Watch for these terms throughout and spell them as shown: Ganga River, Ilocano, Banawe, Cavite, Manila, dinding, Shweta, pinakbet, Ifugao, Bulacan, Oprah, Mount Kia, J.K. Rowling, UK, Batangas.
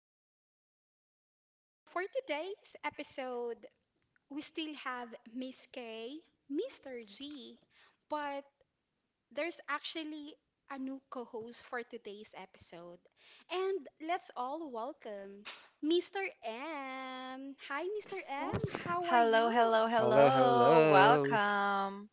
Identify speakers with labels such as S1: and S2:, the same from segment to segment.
S1: podcast. So, for today's episode, we still have Miss K, Mr. G, but there's actually a new co host for today's episode. And let's all welcome Mr. M. Hi, Mr. M. How are
S2: Hello,
S1: you?
S2: hello,
S3: Hello,
S2: hello.
S3: hello.
S2: Welcome.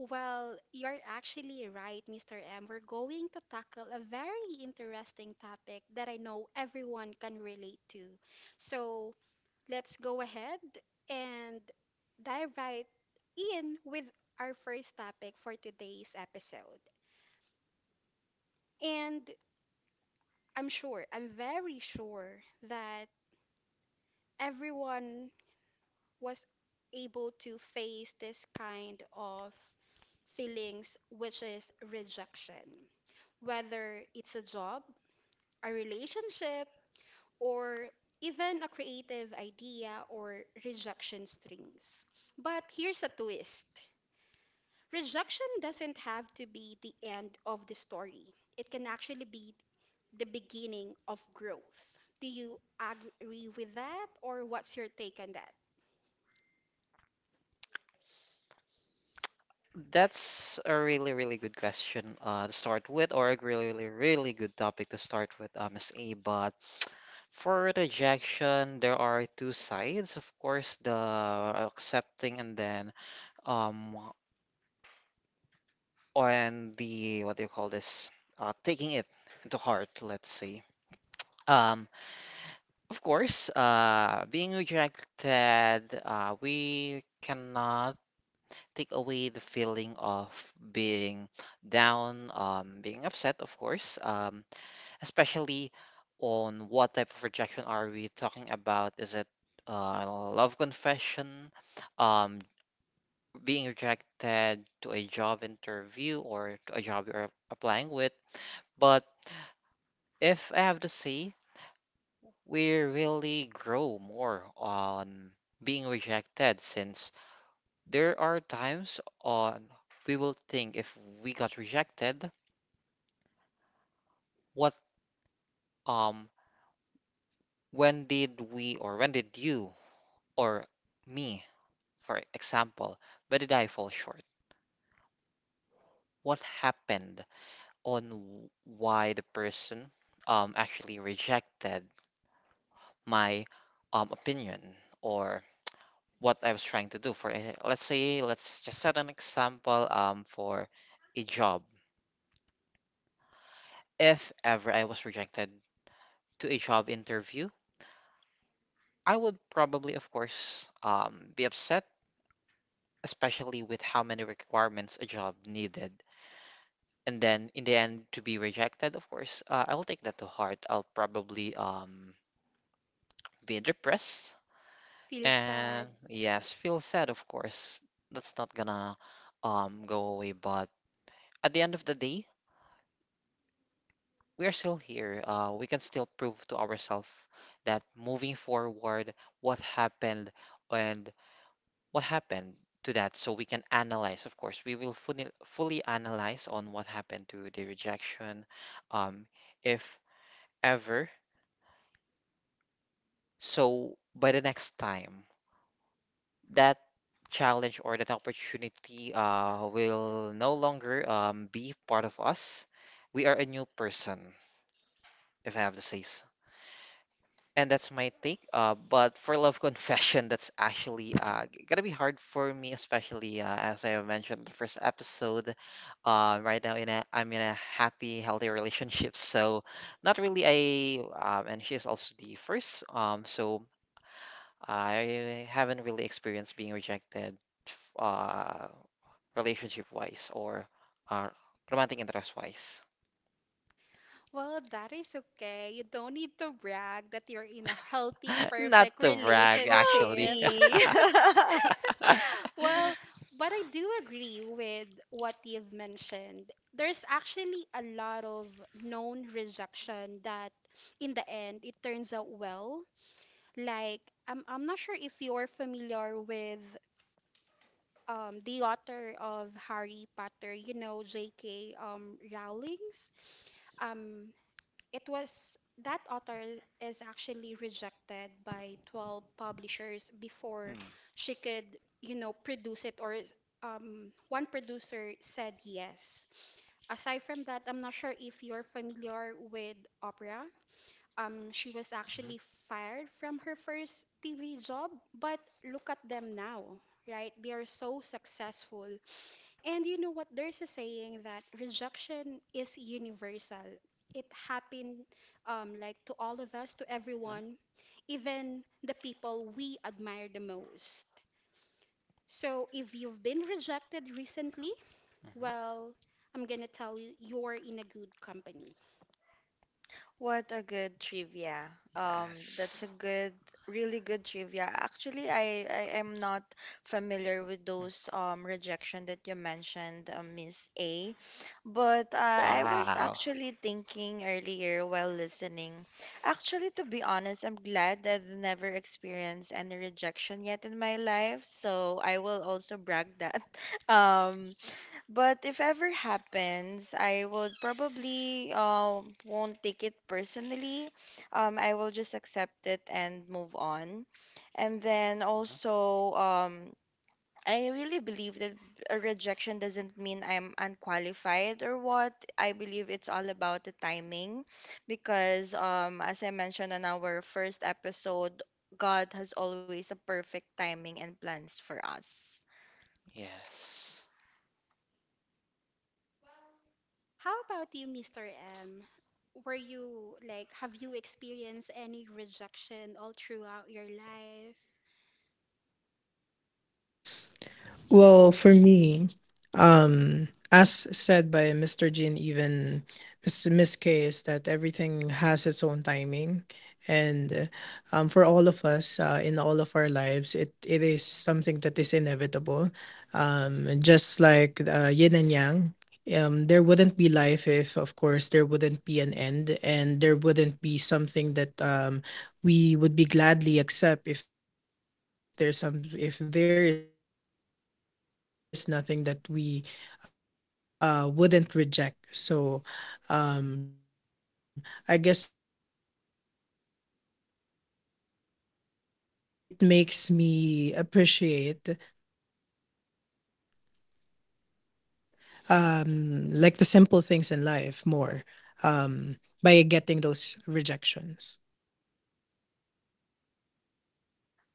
S1: Well, you're actually right, Mr. M. We're going to tackle a very interesting topic that I know everyone can relate to. So let's go ahead and dive right in with our first topic for today's episode. And I'm sure, I'm very sure that everyone was able to face this kind of feelings, which is rejection, whether it's a job, a relationship, or even a creative idea or rejection strings. But here's a twist: rejection doesn't have to be the end of the story, it can actually be the beginning of growth. Do you agree with that, or what's your take on that?
S3: That's a really good question to start with, or a really good topic to start with, Miss A. But for rejection, there are two sides, of course, the accepting and then um and the what do you call this? Taking it to heart, let's say. Um, Of course, being rejected, we cannot take away the feeling of being down, being upset, of course, especially on what type of rejection are we talking about? Is it love confession, um, being rejected to a job interview or to a job you're applying with? But if I have to say, we really grow more on being rejected since there are times on we will think if we got rejected, what um when did we or when did you or me, for example, when did I fall short? What happened on why the person actually rejected my opinion or what I was trying to do for a, let's say let's just set an example for a job. If ever I was rejected to a job interview, I would probably of course be upset, especially with how many requirements a job needed. And then in the end to be rejected, of course, I'll take that to heart. I'll probably be depressed
S1: Feel sad?
S3: and yes, feel sad of course. That's not gonna go away, but at the end of the day, we are still here. We can still prove to ourselves that moving forward, what happened and what happened to that. So we can analyze, of course, we will fully analyze on what happened to the rejection, um, if ever. So by the next time, that challenge or that opportunity will no longer be part of us. We are a new person, if I have to say so. And that's my take. But for love confession, that's actually gonna be hard for me, especially as I have mentioned in the first episode. Right now, in a I'm in a happy, healthy relationship, so not really a. And she's also the first. So I haven't really experienced being rejected, f- uh, relationship-wise or uh, romantic interest-wise.
S1: Well, that is okay. You don't need to brag that you're in a healthy,
S3: Not
S1: perfect
S3: to brag, actually.
S1: relationship.
S2: Healthy.
S1: Well, but I do agree with what you've mentioned. There's actually a lot of known rejection that in the end it turns out well. Like, I'm not sure if you're familiar with the author of Harry Potter, you know, J.K. Rowling's. Um it was that author is actually rejected by 12 publishers
S3: Mm.
S1: before
S3: Mhm.
S1: she could, you know, produce it or one producer said yes. Aside from that, I'm not sure if you're familiar with Oprah. She was actually fired from her first TV job, but look at them now, right? They are so successful. And you know what? There's a saying that rejection is universal. It happened, like, to all of us, to
S3: Mhm.
S1: everyone, even the people we admire the most. So if you've been rejected recently,
S3: Mhm.
S1: well, I'm gonna tell you, you're in a good company.
S2: What a good trivia. That's a
S3: Yes.
S2: really good trivia. Actually, I am not familiar with
S3: Mm.
S2: those rejection that you mentioned, Miss A. But I was
S3: Wow.
S2: actually thinking earlier while listening. Actually, to be honest, I'm glad that I've never experienced any rejection yet in my life. So I will also brag that. Um, but if ever happens, I would probably won't take it personally. I will just accept it and move on. And then also, I really believe that a rejection doesn't mean I'm unqualified or what. I believe it's all about the timing, because as I mentioned on our first episode, God has always a perfect timing and plans for us.
S3: Yes.
S1: How about you, Mr. M? Were you like, have you experienced any rejection all throughout your life?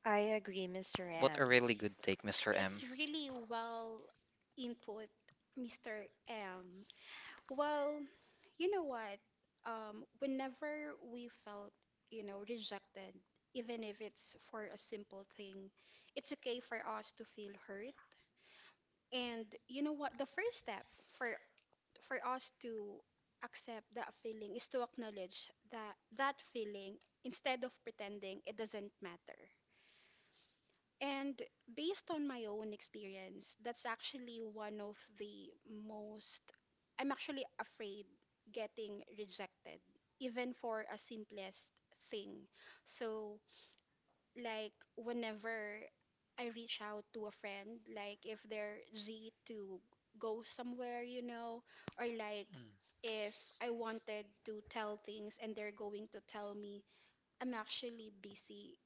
S2: I agree, Mr.
S3: What a
S2: M.
S3: really good take, Mr. M.
S1: It's really well input, Mr. M. Well, you know what? Whenever we felt, you know, rejected, even if it's for a simple thing, it's okay for us to feel hurt. And you know what? The first step for for us to accept that feeling is to acknowledge that that feeling, instead of pretending it doesn't matter. And based on my own experience, that's actually one of the most, I'm actually afraid getting rejected, even for a simplest thing. So, like, whenever I reach out to a friend, like, if they're G to go somewhere, you know, or like,
S3: Mm.
S1: if I wanted to tell things and they're going to tell me, I'm actually busy,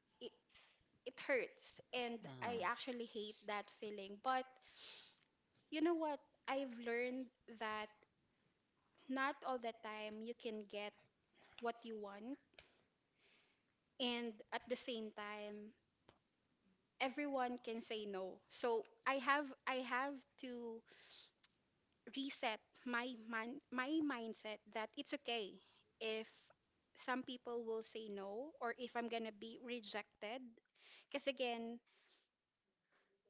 S1: it hurts and I
S3: Mm.
S1: actually hate that feeling. But you know what? I've learned that not all the time you can get what you want, and at the same time everyone can say no. So I have to reset my my mindset that it's okay if some people will say no or if I'm gonna be rejected. Because again,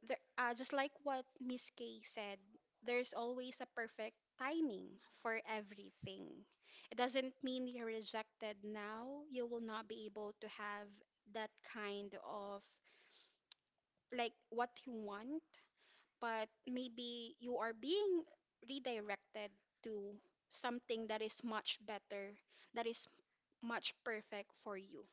S1: there, just like what Miss Kay said, there's always a perfect timing for everything. It doesn't mean you're rejected now. You will not be able to have that kind of like what you want, but maybe you are being redirected to something that is much better, that is much perfect for you.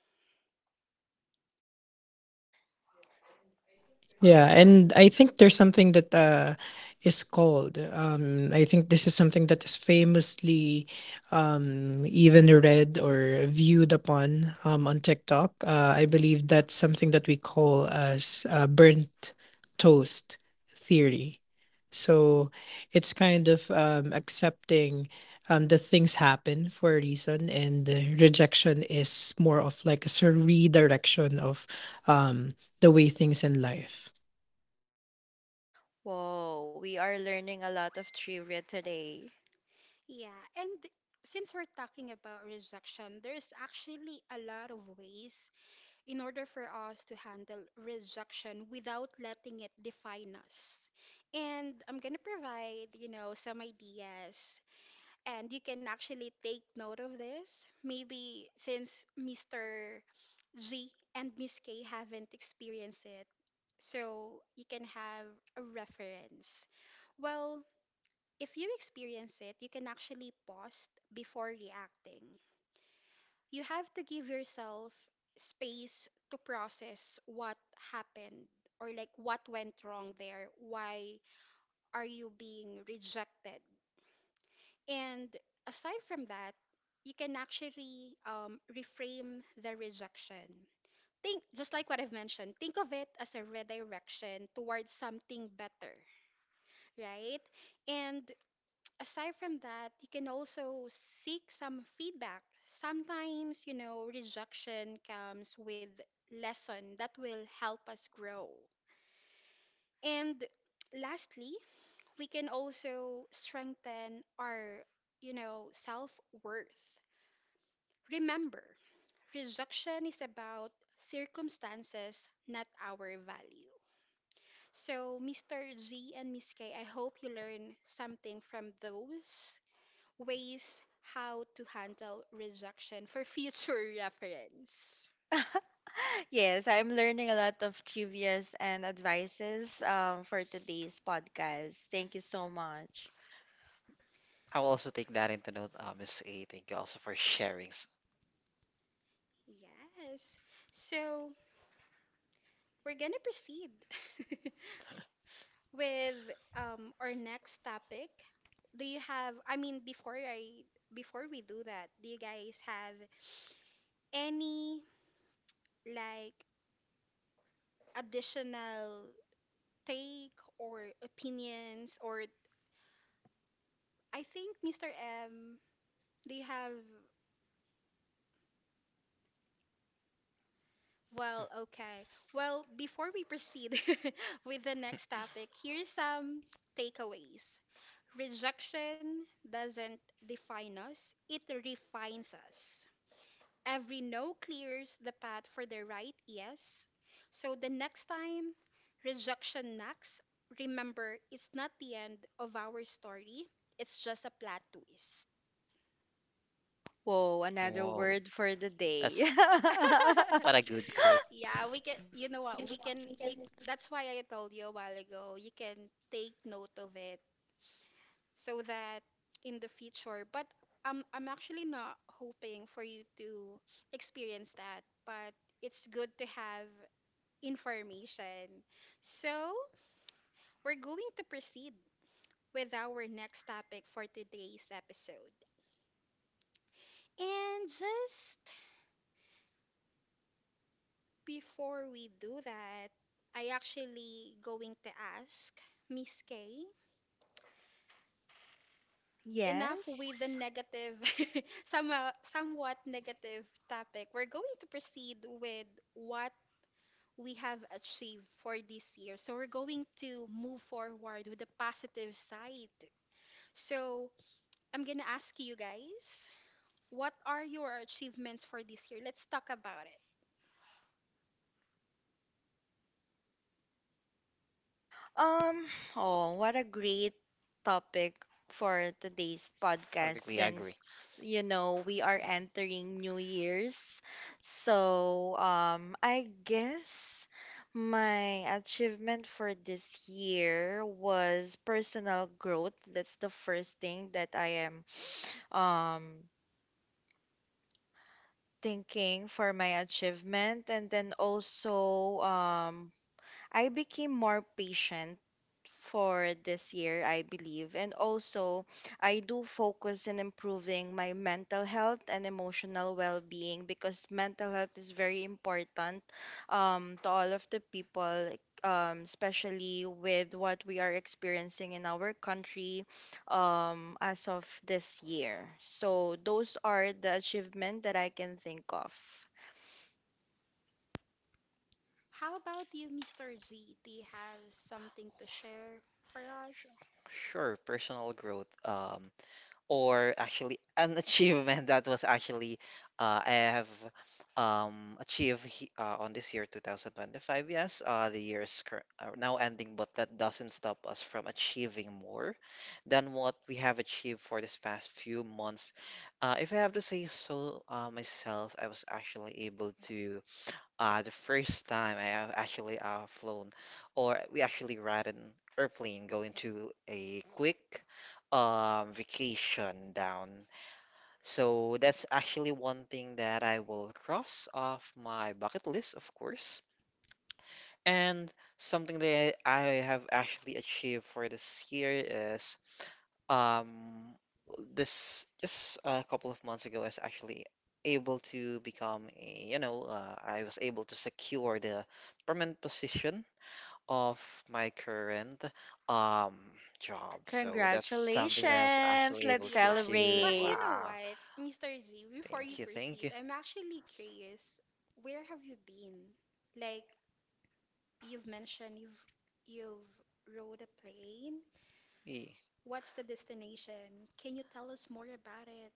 S2: Whoa, we are learning a lot of trivia today.
S1: Yeah, and since we're talking about rejection, there's actually a lot of ways in order for us to handle rejection without letting it define us. And I'm going to provide, you know, some ideas and you can actually take note of this. Maybe since Mr. G and Miss K haven't experienced it, so you can have a reference. Well, if you experience it, you can actually pause before reacting. You have to give yourself space to process what happened or like what went wrong there. Why are you being rejected? And aside from that, you can actually reframe the rejection. Think, just like what I've mentioned, think of it as a redirection towards something better, right? And aside from that, you can also seek some feedback. Sometimes, you know, rejection comes with lesson that will help us grow. And lastly, we can also strengthen our, you know, self-worth. Remember, rejection is about circumstances, not our value. So, Mr. G and Miss K, I hope you learn something from those ways how to handle rejection for future reference.
S2: Yes, I'm learning a lot of trivias and advices for today's podcast. Thank you so much.
S3: I will also take that into note, Miss A. Thank you also for sharing.
S1: Yes. So we're gonna proceed with our next topic. Do you have, I mean, before we do that, do you guys have any like additional take or opinions? Or I think Mr. M, do you have— Well, okay. Well, before we proceed with the next topic, here's some takeaways. Rejection doesn't define us, it refines us. Every no clears the path for the right yes. So the next time rejection knocks, remember it's not the end of our story, it's just a plot twist.
S2: Whoa, another
S3: Whoa.
S2: word for the day.
S3: That's What a good quote.
S1: Yeah, we can, you know what, we can, you, that's why I told you a while ago, you can take note of it so that in the future, but I'm actually not hoping for you to experience that, but it's good to have information. So we're going to proceed with our next topic for today's episode. And just before we do that, I actually going to ask Miss K. Enough with the
S2: Yes.
S1: negative, somewhat negative topic. We're going to proceed with what we have achieved for this year. So we're going to move forward with the positive side. So I'm gonna ask you guys, what are your achievements for this year? Let's talk about it.
S2: Um, oh, what a great topic for today's
S3: I
S2: podcast
S3: really agree.
S2: since you know we are entering New Year's. So, I guess my achievement for this year was personal growth. That's the first thing that I am um thinking for my achievement, and then also I became more patient for this year, I believe. And also, I do focus in improving my mental health and emotional well being because mental health is very important, to all of the people. Especially with what we are experiencing in our country as of this year. So, those are the achievements that I can think of.
S1: How about you, Mr. G? Do you have something to share for us?
S3: Sure, personal growth, or actually an achievement that was actually I have achieved on this year 2025. Yes, the year is now ending, but that doesn't stop us from achieving more than what we have achieved for this past few months. If I have to say so myself, I was actually able to the first time I have actually flown, or we actually ride an airplane going to a quick vacation down. So that's actually one thing that I will cross off my bucket list, of course. And something that I have actually achieved for this year is um, this just a couple of months ago, I was actually able to become I was able to secure the permanent position of my current um job. So that's something that I was
S2: Congratulations!
S3: actually
S2: Let's
S3: able to
S1: Yeah, y-
S3: achieve.
S1: but
S2: celebrate.
S1: you know
S3: Wow.
S1: what, Mr. Z, before you
S3: Thank you, thank
S1: proceed, I'm actually curious, where have you been? Like, you've mentioned you've rode a plane.
S3: you.
S1: What's the destination? Can you tell us more about it?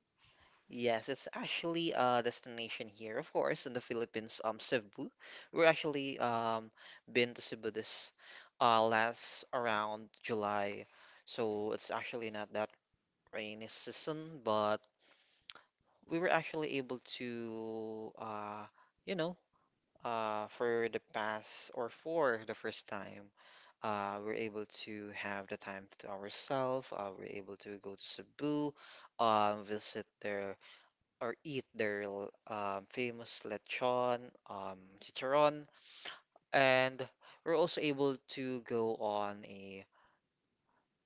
S3: Yes, it's actually a destination here, of course, in the Philippines, Cebu. We're actually been to Cebu this last around July, so it's actually not that rainy season, but we were actually able to you know for the past or for the first time we're able to have the time to ourselves. We're able to go to Cebu, visit their or eat their famous lechon, chicharon, and we're also able to go on a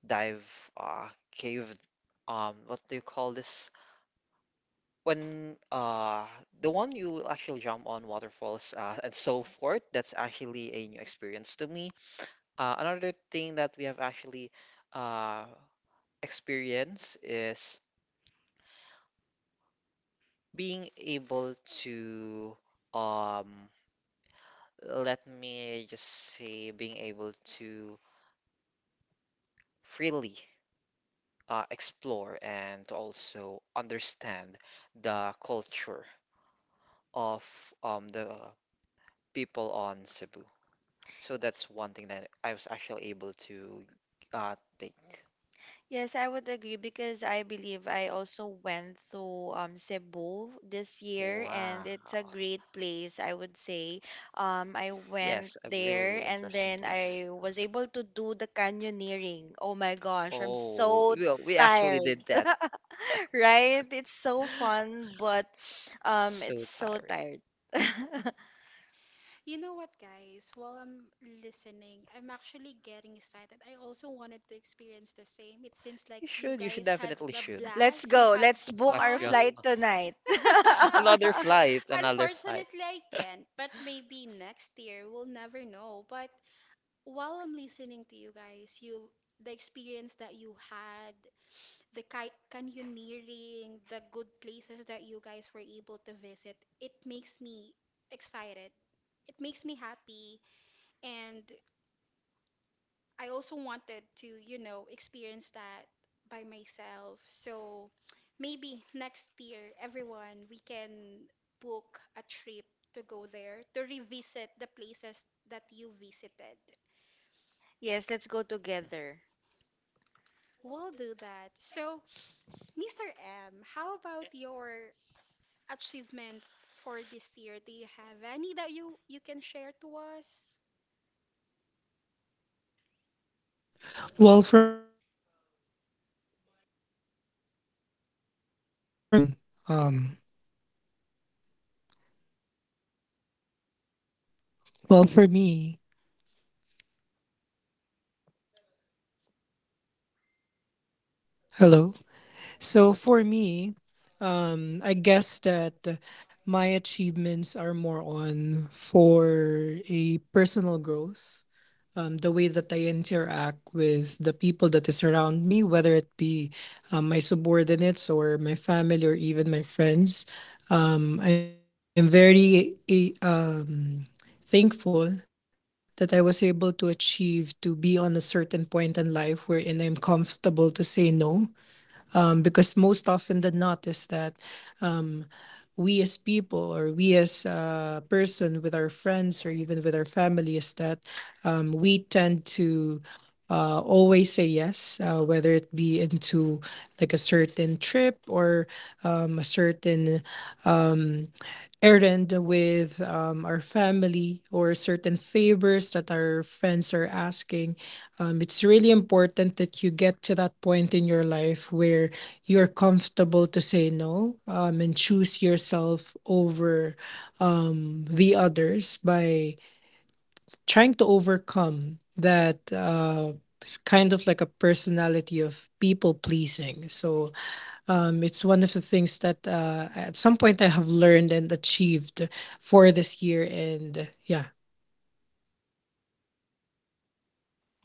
S3: dive cave. What do you call this? When the one you will actually jump on waterfalls and so forth, that's actually a new experience to me. Another thing that we have actually uh, experienced is being able to um, let me just say being able to freely explore and to also understand the culture of the people on Cebu. So that's one thing that I was actually able to take.
S2: Yes, I would agree because I believe I also went to Cebu this year, and it's a
S3: Wow.
S2: great place, I would say. I went
S3: Yes, a really,
S2: there
S3: really
S2: and
S3: interesting
S2: then
S3: place.
S2: I was able to do the canyoneering. Oh my gosh, I'm
S3: Oh,
S2: so
S3: well, we actually
S2: tired,
S3: did that.
S2: right? It's so fun, but
S3: So
S2: it's so
S3: tiring.
S2: tired.
S1: You know what, guys, while I'm listening, I'm actually getting excited. I also wanted to experience the same. It seems like you
S3: You should
S1: guys had
S3: definitely
S1: a
S3: should.
S2: Let's
S1: blast, you
S2: go.
S1: had
S2: Let's book
S3: Let's
S2: our
S3: go.
S1: fun.
S2: flight tonight.
S3: Another flight, another flight.
S1: Unfortunately, I can't, but maybe next year we'll never know. But while I'm listening to you guys, you the experience that you had, the canyoneering, the good places that you guys were able to visit, it makes me excited. It makes me happy, and I also wanted to, you know, experience that by myself. So maybe next year, everyone, we can book a trip to go there to revisit the places that you visited.
S2: Yes, let's go together.
S1: We'll do that. So, Mr. M, how about your achievement for this year? Do you have any that you can share to us?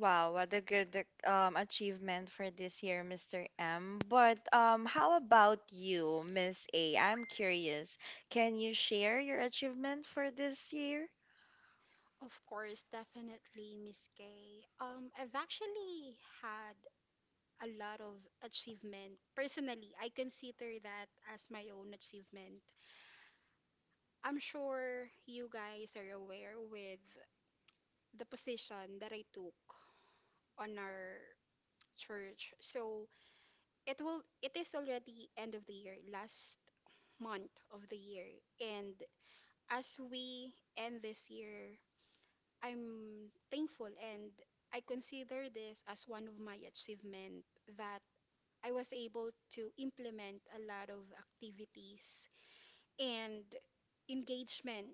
S2: Wow, what a good achievement for this year, Mr. M. But how about you, Miss A? I'm curious. Can you share your achievement for this year?
S1: Of course, definitely, Miss Kay. I've actually had a lot of achievement. Personally, I consider that as my own achievement. I'm sure you guys are aware with the position that I took on our church. So it will it is already end of the year, last month of the year. And as we end this year, I'm thankful and I consider this as one of my achievement that I was able to implement a lot of activities and engagement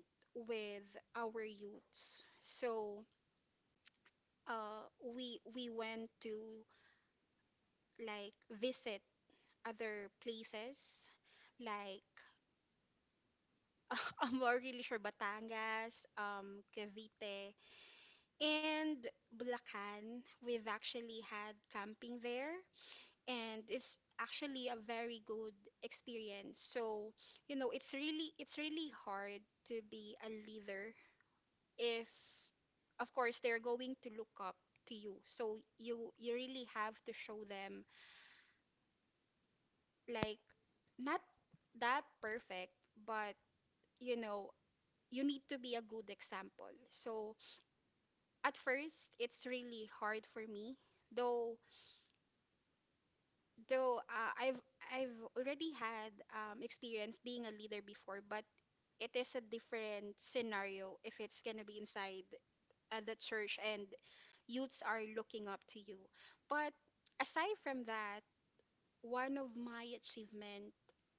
S1: with our youths. So we went to like visit other places like I'm not really sure, Batangas, Cavite, and Bulacan. We've actually had camping there, and it's actually a very good experience. So you know, it's really hard to be a leader if of course they're going to look up to you, so you really have to show them, like, not that perfect, but you know, you need to be a good example. So at first it's really hard for me, though. Though I've already had experience being a leader before, but it is a different scenario if it's gonna be inside the church and youths are looking up to you. But aside from that, one of my achievement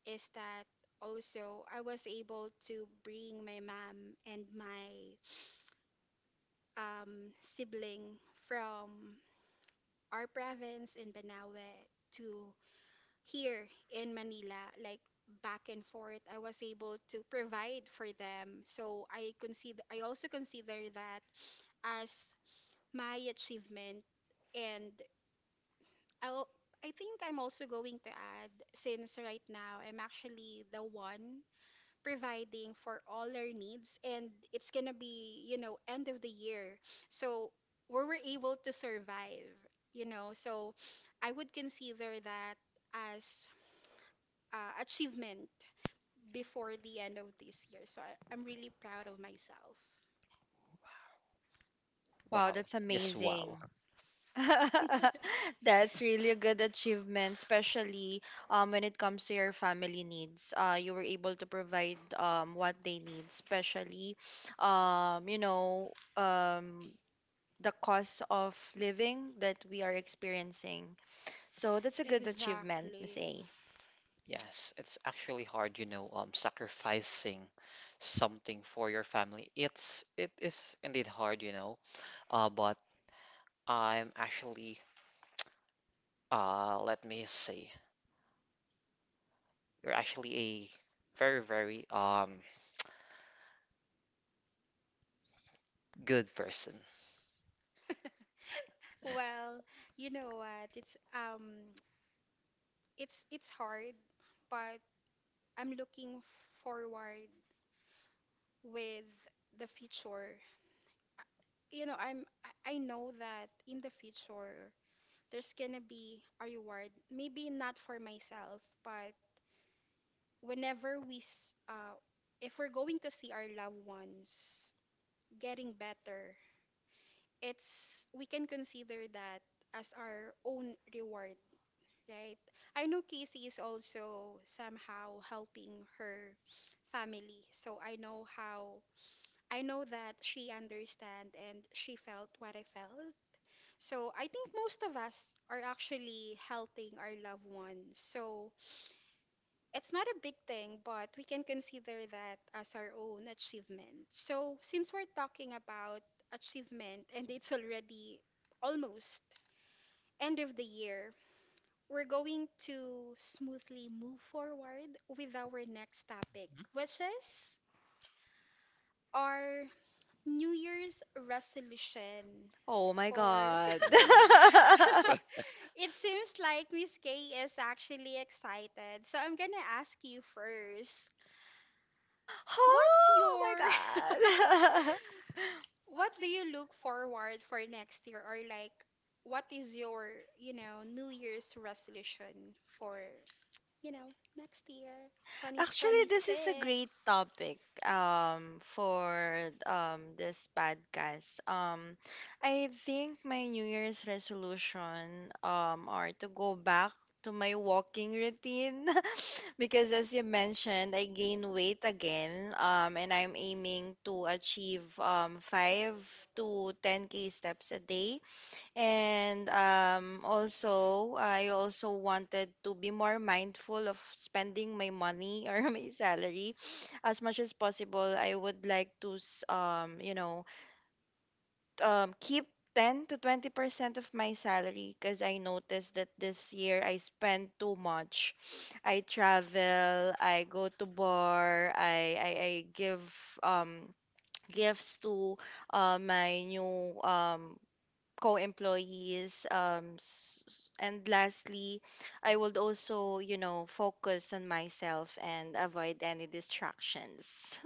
S1: is that also I was able to bring my mom and my sibling from our province in Banawe to here in Manila, like back and forth, I was able to provide for them. So I consider, I also consider that as my achievement. And I'll, I think I'm also going to add, since right now I'm actually the one providing for all our needs, and it's gonna be, you know, end of the year. So we were able to survive, you know. So I would consider that as achievement before the end of this year. So I'm really proud of myself.
S2: Wow,
S3: Wow.
S2: that's
S3: Yes,
S2: amazing.
S3: wow.
S2: That's really a good achievement, especially when it comes to your family needs. You were able to provide what they need, especially, you know, um, the cost of living that we are experiencing. So that's a good achievement, Miss
S1: Exactly.
S2: A.
S3: Yes, it's actually hard, you know, sacrificing something for your family. It is indeed hard, you know. But I'm actually let me say, you're actually a very good person.
S1: Well, you know what? It's it's hard, but I'm looking forward with the future. You know, I know that in the future there's gonna be a reward. Maybe not for myself, but whenever if we're going to see our loved ones getting better, it's we can consider that as our own reward, right? I know Casey is also somehow helping her family, so I know that she understand and she felt what I felt. So I think most of us are actually helping our loved ones. So it's not a big thing, but we can consider that as our own achievement. So since we're talking about achievement and it's already almost end of the year, we're going to smoothly move forward with our next topic, which is our New Year's resolution
S2: Oh my
S1: for.
S2: god.
S1: It seems like Miss K is actually excited. So I'm gonna ask you first. What's
S2: Oh
S1: your
S2: my god.
S1: what do you look forward for next year, or like what is your, New Year's resolution for, you know, next year,
S2: Actually, this is a
S1: 2026.
S2: great topic for this podcast. I think my New Year's resolution are to go back to my walking routine because, as you mentioned, I gain weight again, and I'm aiming to achieve, 5 to 10k steps a day, and also, I also wanted to be more mindful of spending my money or my salary as much as possible. I would like to, you know, keep 10 to 20% of my salary because I noticed that this year I spent too much. I travel, I go to bar, I give um, gifts to my new co-employees and lastly I would also, you know, focus on myself and avoid any distractions.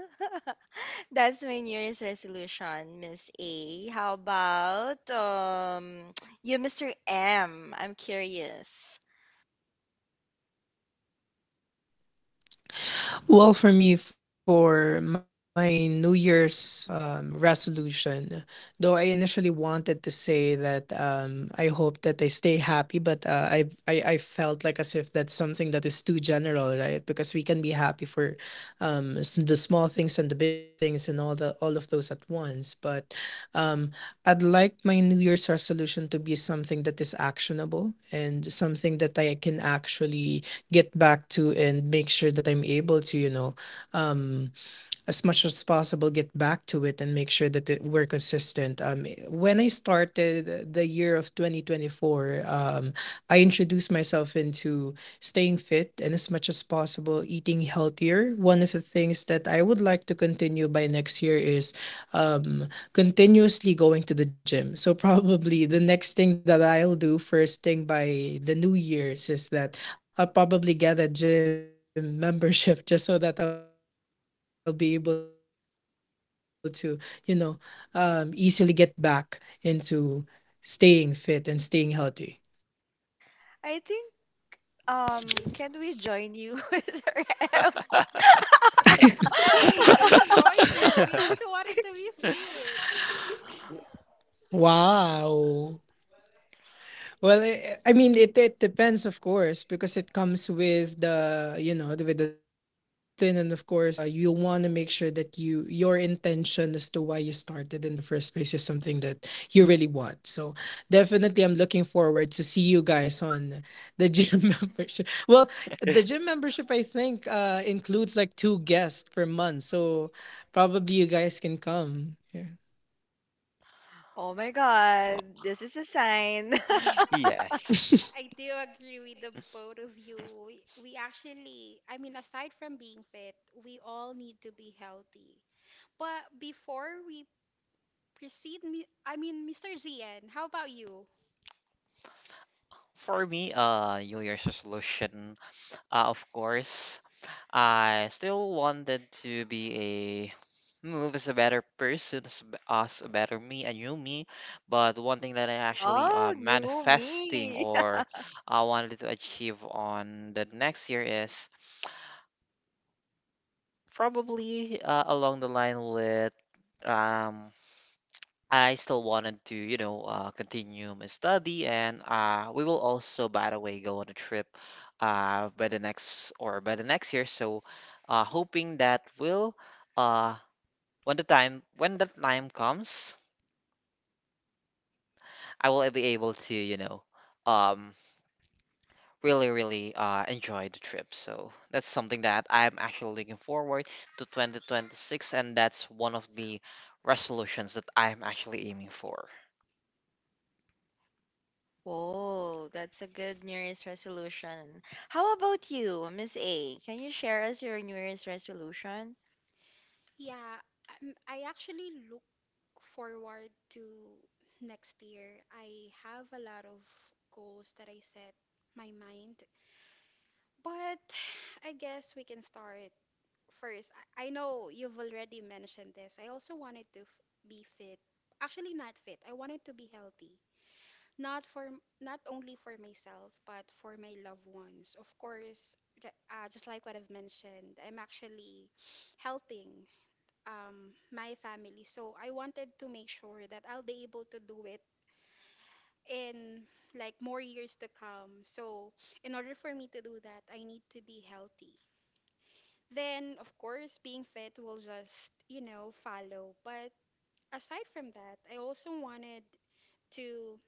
S2: That's my New Year's resolution, Miss A. How about you, Mr. M? I'm curious. I think can we join you with our M?
S1: Yeah, we wanted to join you. We also wanted to be fit.
S2: Oh my god, this is a sign.
S3: Yes.
S1: I do agree with the both of you. We actually, I mean, aside from being fit, we all need to be healthy. But before we proceed, I mean, Mr. Zian, how about you?
S3: For me, New Year's resolution, of course, I still wanted to be a move as a better person, as, as a better me, a new me. But one thing that I actually
S2: Wow, new
S3: manifesting
S2: me.
S3: or I wanted to achieve on the next year is probably along the line with um I still wanted to, you know, continue my study, and we will also, by the way, go on a trip by the next or by the next year. So, hoping that will, uh, when the time comes, I will be able to, you know, um, really enjoy the trip. So that's something that I'm actually looking forward to 2026, and that's one of the resolutions that I'm actually aiming for.
S2: Whoa, that's a good New Year's resolution. How about you, Miss A? Can you share us your New Year's resolution?
S1: Yeah, I actually look forward to next year. I have a lot of goals that I set my mind. But I guess we can start first. I know you've already mentioned this. I also wanted to f be fit. Actually, not fit. I wanted to be healthy. Not only for myself, but for my loved ones. Of course, just like what I've mentioned, I'm actually helping my family. So I wanted to make sure that I'll be able to do it in like more years to come. So in order for me to do that, I need to be healthy. Then of course being fit will just, you know, follow. But aside from that, to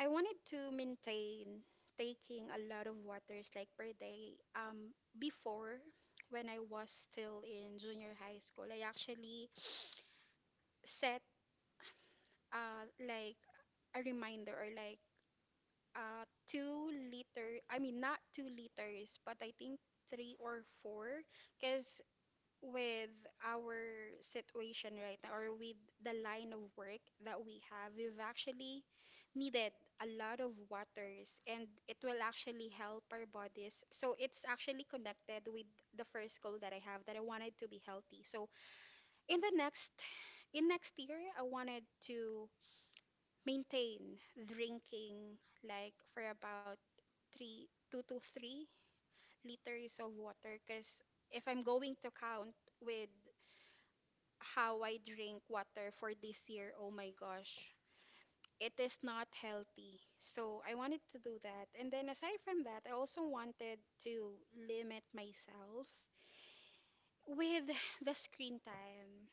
S1: I wanted to maintain taking a lot of waters like per day. Before when I was still in junior high school, I actually set like a reminder or like 2 liter, I mean not 2 liters, but I think three or four, because with our situation right now or with the line of work that we have, we've actually needed a lot of waters and it will actually help our bodies. So it's actually connected with the first goal that I have that I wanted to be healthy. So in the next in next year, I wanted to maintain drinking like for about three, 2 to 3 liters of water, because if I'm going to count with how I drink water for this year. Oh my gosh. It is not healthy. So I wanted to do that. And then aside from that, I also wanted to limit myself with the screen time.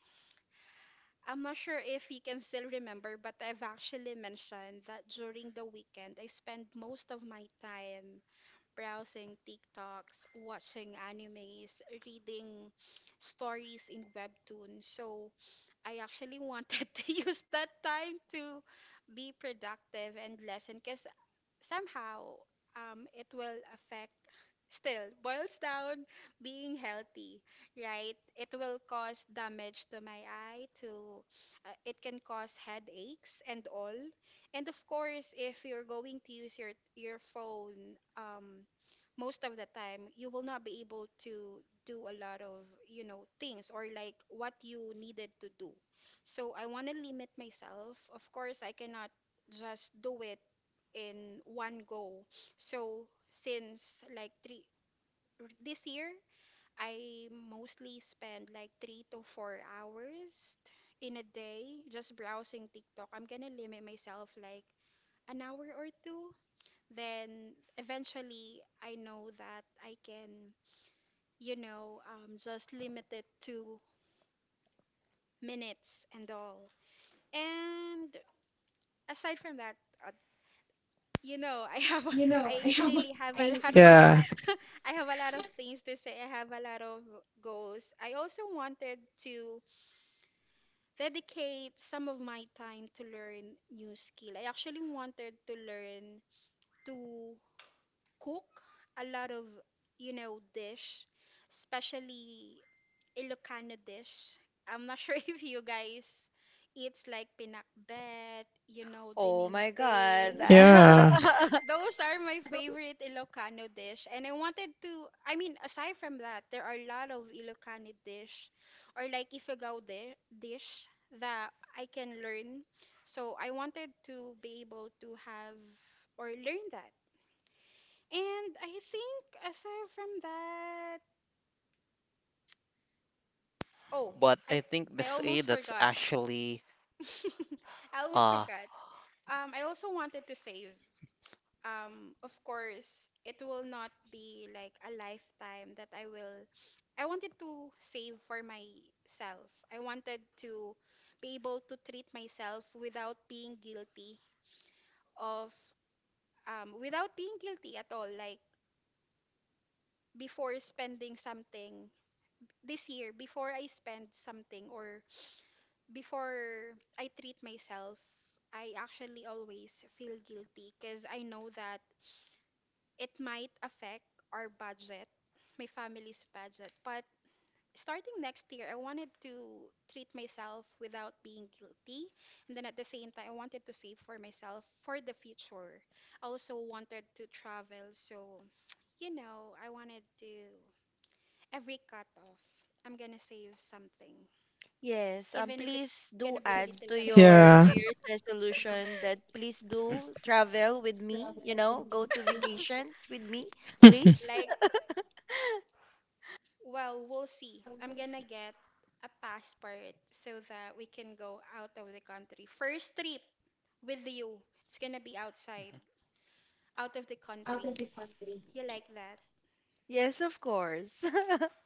S1: I'm not sure if you can still remember, but I've actually mentioned that during the weekend, I spend most of my time browsing TikToks, watching animes, reading stories in webtoons. So I actually wanted to use that time to be productive and lesson, because somehow it will affect, still boils down being healthy, right, it will cause damage to my eye, to it can cause headaches and all. And of course if you're going to use your phone, most of the time you will not be able to do a lot of, you know, things or like what you needed to do. So I want to limit myself. Of course I cannot just do it in one go. So since like three this year I mostly spend like 3 to 4 hours in a day just browsing TikTok, I'm gonna limit myself like an hour or two. Then eventually I know that I can, you know, just limited to minutes and all. And aside from that, uh, you know, I have, I really have a lot of, I have a lot of things to say. I have a lot of goals. I also wanted to dedicate some of my time to learn new skill. I actually wanted to learn to cook a lot of, you know, dish, especially Ilocano dish. I'm not sure if you guys eats like pinakbet, you know,
S2: Oh
S1: dinding.
S2: my God.
S1: Those are my favorite Ilocano dish. And I wanted to, I mean, aside from that, there are a lot of Ilocano dish or like dish that I can learn. So I wanted to be able to have or learn that. And I think aside from that, oh,
S3: But
S1: I
S3: I think
S1: I
S3: Miss A,
S1: almost
S3: that's
S1: forgot.
S3: actually
S1: I almost
S3: uh
S1: forgot. I also wanted to save. Of course, it will not be like a lifetime that I will. I wanted to save for myself. I wanted to be able to treat myself without being guilty of, without being guilty at all. Like before spending something before I spend something or before I treat myself, I actually always feel guilty because I know that it might affect our budget, my family's budget. But starting next year, I wanted to treat myself without being guilty. And then at the same time, I wanted to save for myself for the future. I also wanted to travel. So, you know, I wanted to, every cut off, I'm gonna save something,
S2: Yes,
S1: even if it's
S2: please do
S1: gonna be a
S2: add to
S1: little amount.
S2: your New Year's resolution that please do travel with me, you know, go to vacations with me, please.
S1: Like. Well, we'll see. I'm gonna get a passport so that we can go out of the country. First trip with you. It's gonna be outside, out of the country. You like that?
S2: Yes, of course.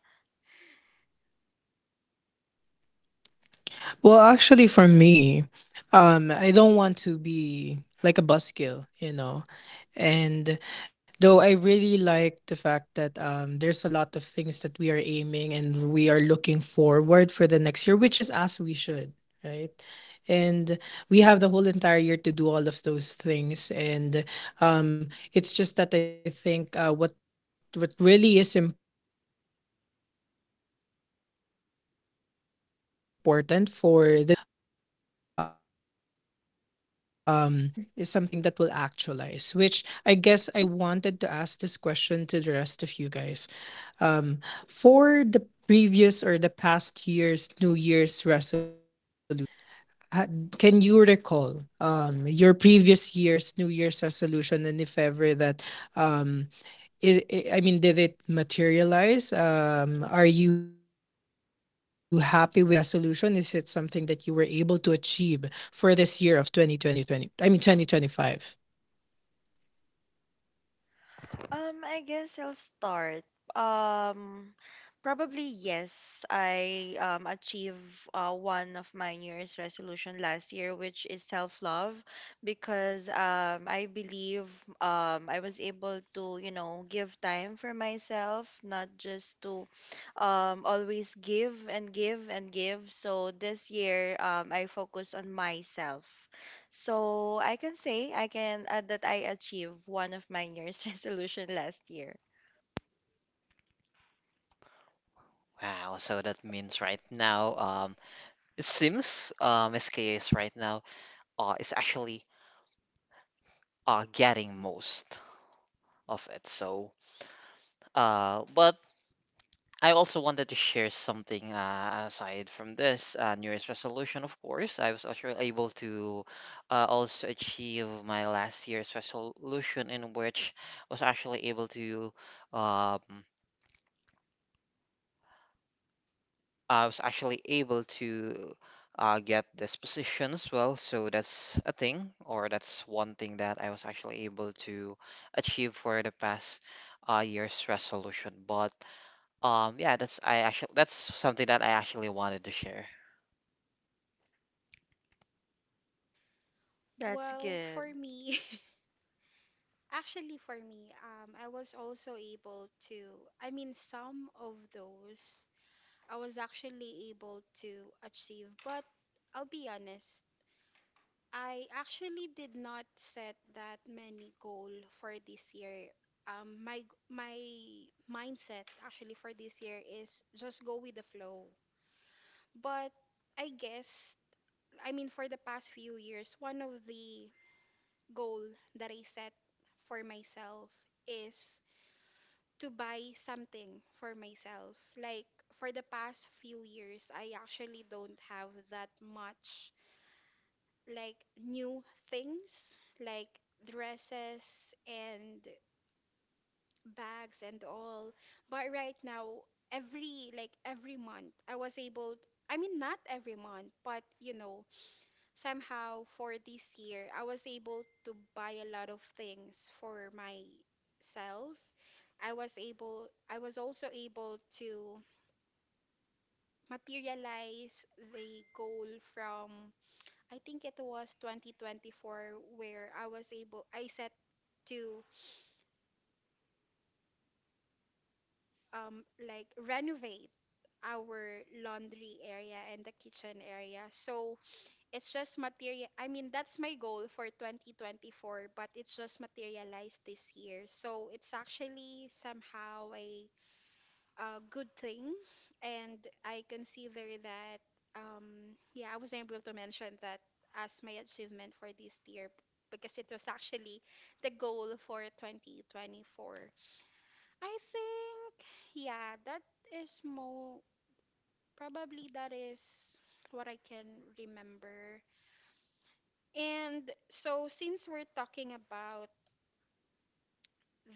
S2: I guess I'll start. Um, Probably yes. I achieved one of my New Year's resolution last year, which is self-love, because I believe I was able to, you know, give time for myself, not just to always give and give and give. So this year, I focus on myself, so I can say I can add that I achieved one of my New Year's resolution last year.
S3: wow. So that means right now, it seems Miss K is right now is actually getting most of it. So but I also wanted to share something aside from this New Year's resolution. Of course, I was actually able to also achieve my last year's resolution in which I was actually able to um. I was actually able to get this position as well. So that's a thing, or that's one thing that I was actually able to achieve for the past year's resolution. But yeah, that's I actually that's something that I actually wanted to share.
S2: That's
S1: Well,
S2: good.
S1: for me, actually for me, I was also able to, I mean, some of those I was actually able to achieve, but I'll be honest, I actually did not set that many goal for this year. Um, my my mindset actually for this year is just go with the flow. But I guess, I mean, for the past few years, one of the goal that I set for myself is to buy something for myself. Like for the past few years, I actually don't have that much like new things, like dresses and bags and all. But right now, every month, I was able I mean, not every month, but you know, somehow for this year, I was able to buy a lot of things for myself. I was also able to materialize the goal from, I think it was 2024, where I set to like renovate our laundry area and the kitchen area. So I mean, that's my goal for 2024, but it's just materialized this year. So it's actually somehow a good thing. And I consider that, yeah, I was able to mention that as my achievement for this year because it was actually the goal for 2024. I think, yeah, that is more probably that is what I can remember. And so, since we're talking about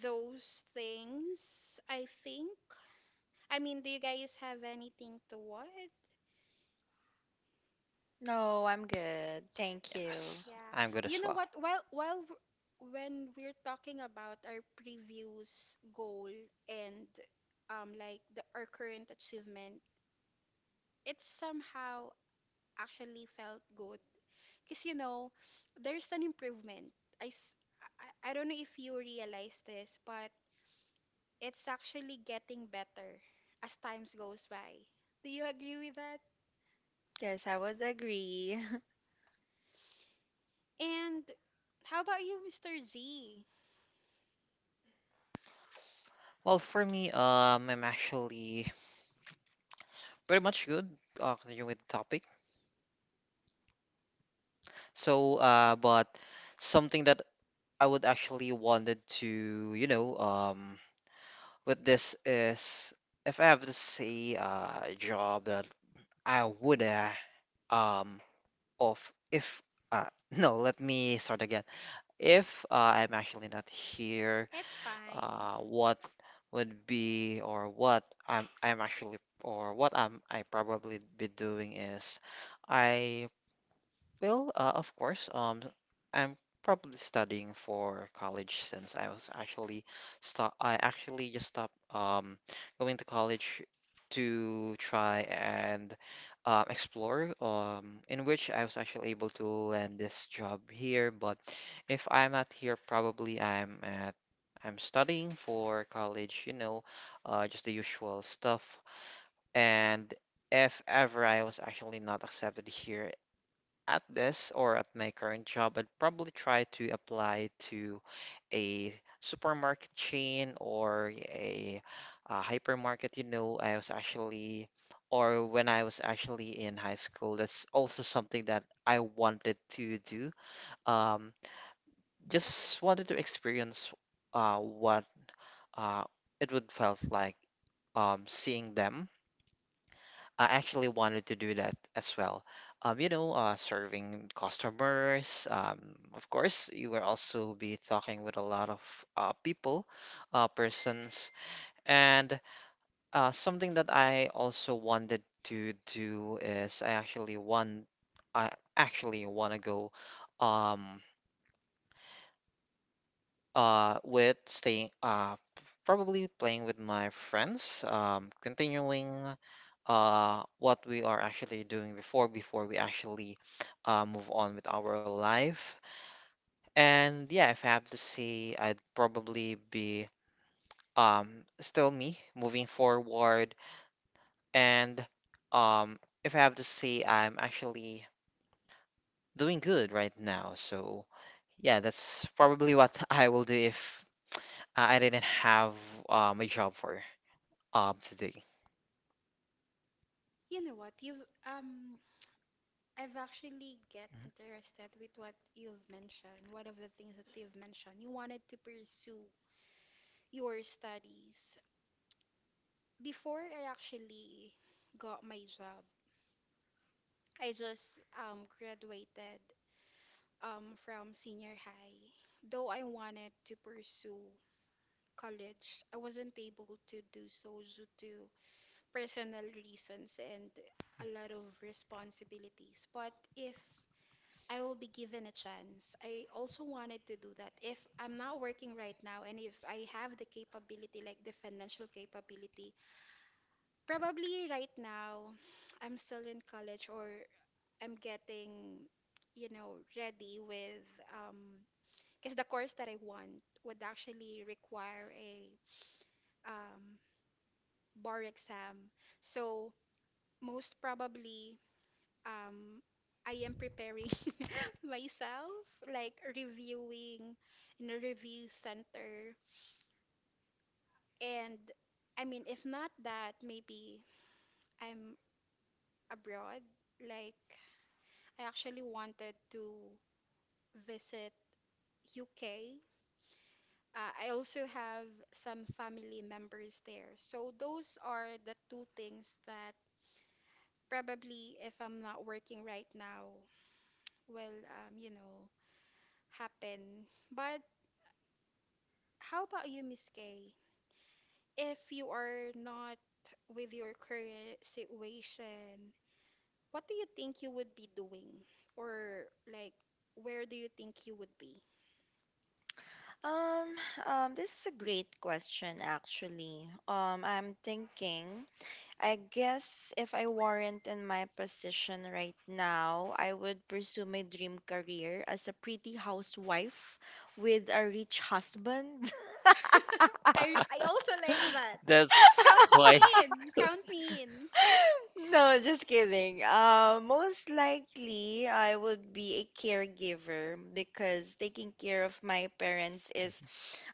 S1: those things, I think, I mean, do you guys have anything to watch?
S2: No, I'm good. Thank you.
S3: Yes,
S1: Yeah.
S3: I'm good
S1: You
S3: as
S1: know
S3: well.
S1: what? When we're talking about our previous goal and like the our current achievement, it somehow actually felt good. Because you know, there's an improvement. I, s- I don't know if you realize this, but it's actually getting better as times goes by. Do you agree with that?
S2: Yes, I would agree.
S1: And how about you, Mr. G?
S3: Well, for me, I'm actually pretty much good. Continue with the topic. So, but something that I would actually wanted to, you know, with this is if I have to say a job that I would um of if uh no let me start again if I'm actually not here
S1: It's fine.
S3: what would be or what I'm actually or what I probably be doing is I well, of course, I'm probably studying for college since I was actually stop I actually just stopped going to college to try and explore in which I was actually able to land this job here. But if I'm not here, probably I'm studying for college, you know, just the usual stuff. And if ever I was actually not accepted here at this or at my current job, I'd probably try to apply to a supermarket chain or a, hypermarket. You know, I was actually, or when I was actually in high school, that's also something that I wanted to do. Um, just wanted to experience what uh, it would felt like seeing them I actually wanted to do that as well. You know, serving customers. Of course, you will also be talking with a lot of people, persons, and something that I also wanted to do is I actually want to go, um, with staying, probably playing with my friends, continuing what we are actually doing before we actually move on with our life. And yeah, if I have to say, I'd probably be um, still me moving forward. And if I have to say, I'm actually doing good right now. So yeah, that's probably what I will do if I didn't have my job for. Obsidy.
S1: You know what? You've um I've actually get interested with what you've mentioned, one of the things that you've mentioned. You wanted to pursue your studies. Before I actually got my job, I just graduated from senior high. Though I wanted to pursue college, I wasn't able to do so due to personal reasons and a lot of responsibilities. But if I will be given a chance. I also wanted to do that. If I'm not working right now and if I have the capability, like the financial capability, probably right now I'm still in college, or I'm getting, you know, ready with, um, because the course that I want would actually require a um, bar exam. So most probably um, I am preparing myself, like reviewing in a review center. And I mean, if not that, maybe I'm abroad. Like, I actually wanted to visit UK. I also have some family members there. So, those are the two things that probably, if I'm not working right now, will, you know, happen. But how about you, Miss Kay? If you are not with your current situation, what do you think you would be doing? Or like, where do you think you would be?
S2: Um, this is a great question actually. I'm thinking, I guess if I weren't in my position right now, I would pursue my dream career as a pretty housewife with a rich husband.
S1: I also like that.
S3: That's
S1: Count
S3: quite.
S1: me in. Count me in.
S2: No, just kidding. Most likely, I would be a caregiver because taking care of my parents is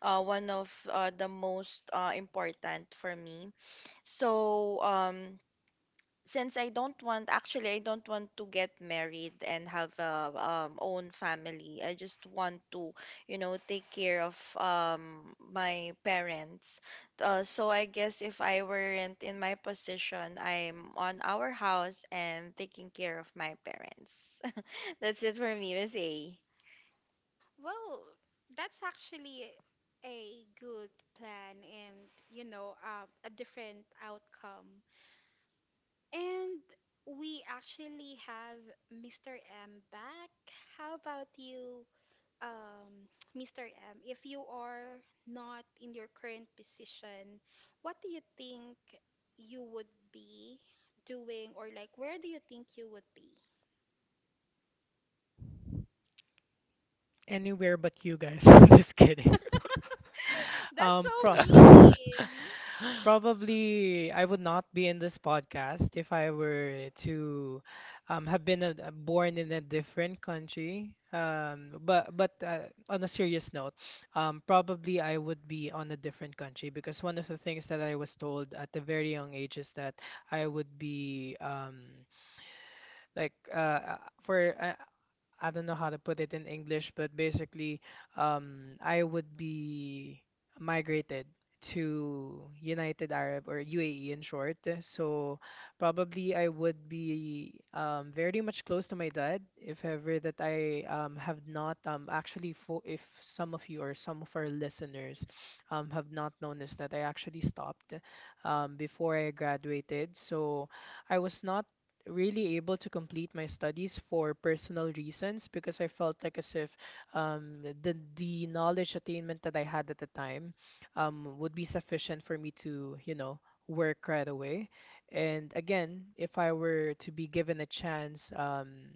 S2: one of the most important for me. So, since I don't want, actually, I don't want to get married and have a own family. I just want to, you know, take care of my parents. So I guess if I weren't in my position, I'm on our house and taking care of my parents. That's it for me, Miss A.
S1: Well, that's actually a good plan and, you know, a different outcome. And we actually have Mr. M back. How about you, um, Mr. M, if you are not in your current position, what do you think you would be doing, or like, where do you think you would be?
S4: Anywhere but you guys. Just kidding.
S1: That's so
S4: Um, pro-
S1: mean.
S4: probably I would not be in this podcast if I were to have been born in a different country. But on a serious note, probably I would be on a different country because one of the things that I was told at a very young age is that I would be like for I don't know how to put it in English, but basically, I would be migrated to United Arab or UAE in short. So probably I would be very much close to my dad if ever that I have not actually for if some of you or some of our listeners have not noticed that I actually stopped before I graduated. So I was not really able to complete my studies for personal reasons because I felt like as if the knowledge attainment that I had at the time would be sufficient for me to, you know, work right away. And again, if I were to be given a chance,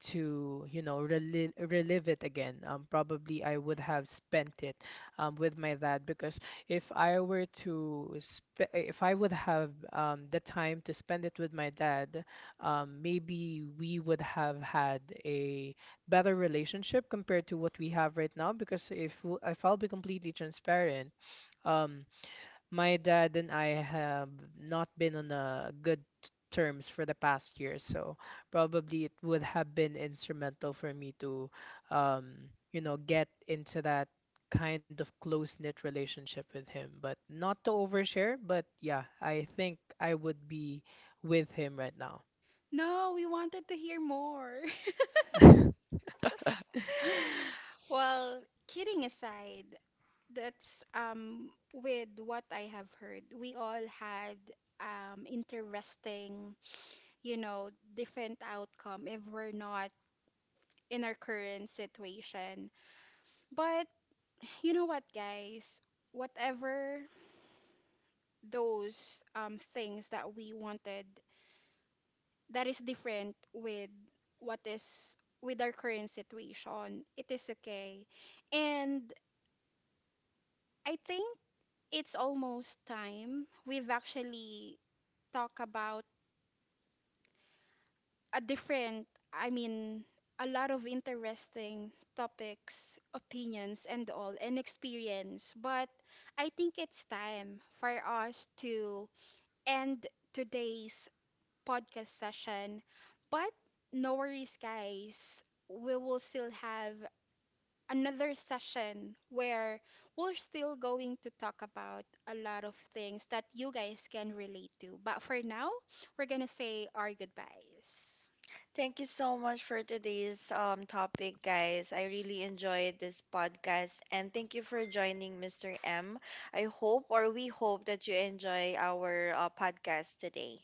S4: to you know relive, relive it again probably I would have spent it with my dad because if I were to sp- if I would have the time to spend it with my dad, maybe we would have had a better relationship compared to what we have right now because if I'll be completely transparent, um, my dad and I have not been on a good terms for the past year, so probably it would have been instrumental for me to, um, you know, get into that kind of close-knit relationship with him. But not to overshare, but yeah, I think I would be with him right now.
S1: No, we wanted to hear more. Well, kidding aside, that's with what I have heard, we all had interesting, you know, different outcome if we're not in our current situation. But you know what, guys? Whatever those things that we wanted that is different with what is with our current situation, it is okay. And I think it's almost time. We've actually talked about a different, I mean, a lot of interesting topics, opinions, and all, and experience. But I think it's time for us to end today's podcast session. But no worries, guys. We will still have another session where we're still going to talk about a lot of things that you guys can relate to. But for now, we're going to say our goodbyes.
S2: Thank you so much for today's topic, guys. I really enjoyed this podcast and thank you for joining, Mr. M. I hope or we hope that you enjoy our podcast today.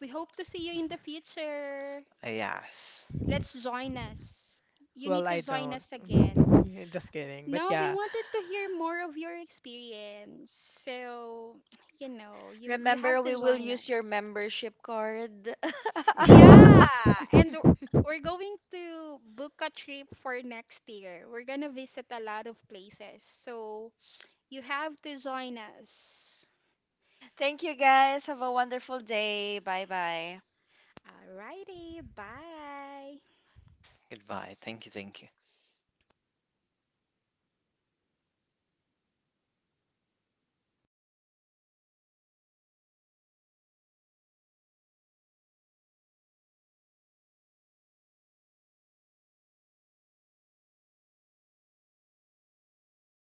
S1: We hope to see you in the future.
S3: Yes.
S1: Let's join us. You
S4: Well,
S1: need to
S4: I
S1: join
S4: don't.
S1: us again.
S4: Just kidding. But
S1: No, we
S4: yeah.
S1: wanted to hear more of your experience. So, you know, you have
S2: Remember,
S1: to
S2: we will
S1: join
S2: use your
S1: us.
S2: membership card.
S1: Yeah, and we're going to book a trip for next year. We're gonna visit a lot of places. So, you have to join us.
S2: Thank you, guys. Have a wonderful day. Bye bye.
S1: Alrighty, bye.
S3: Goodbye. Thank you. Thank you.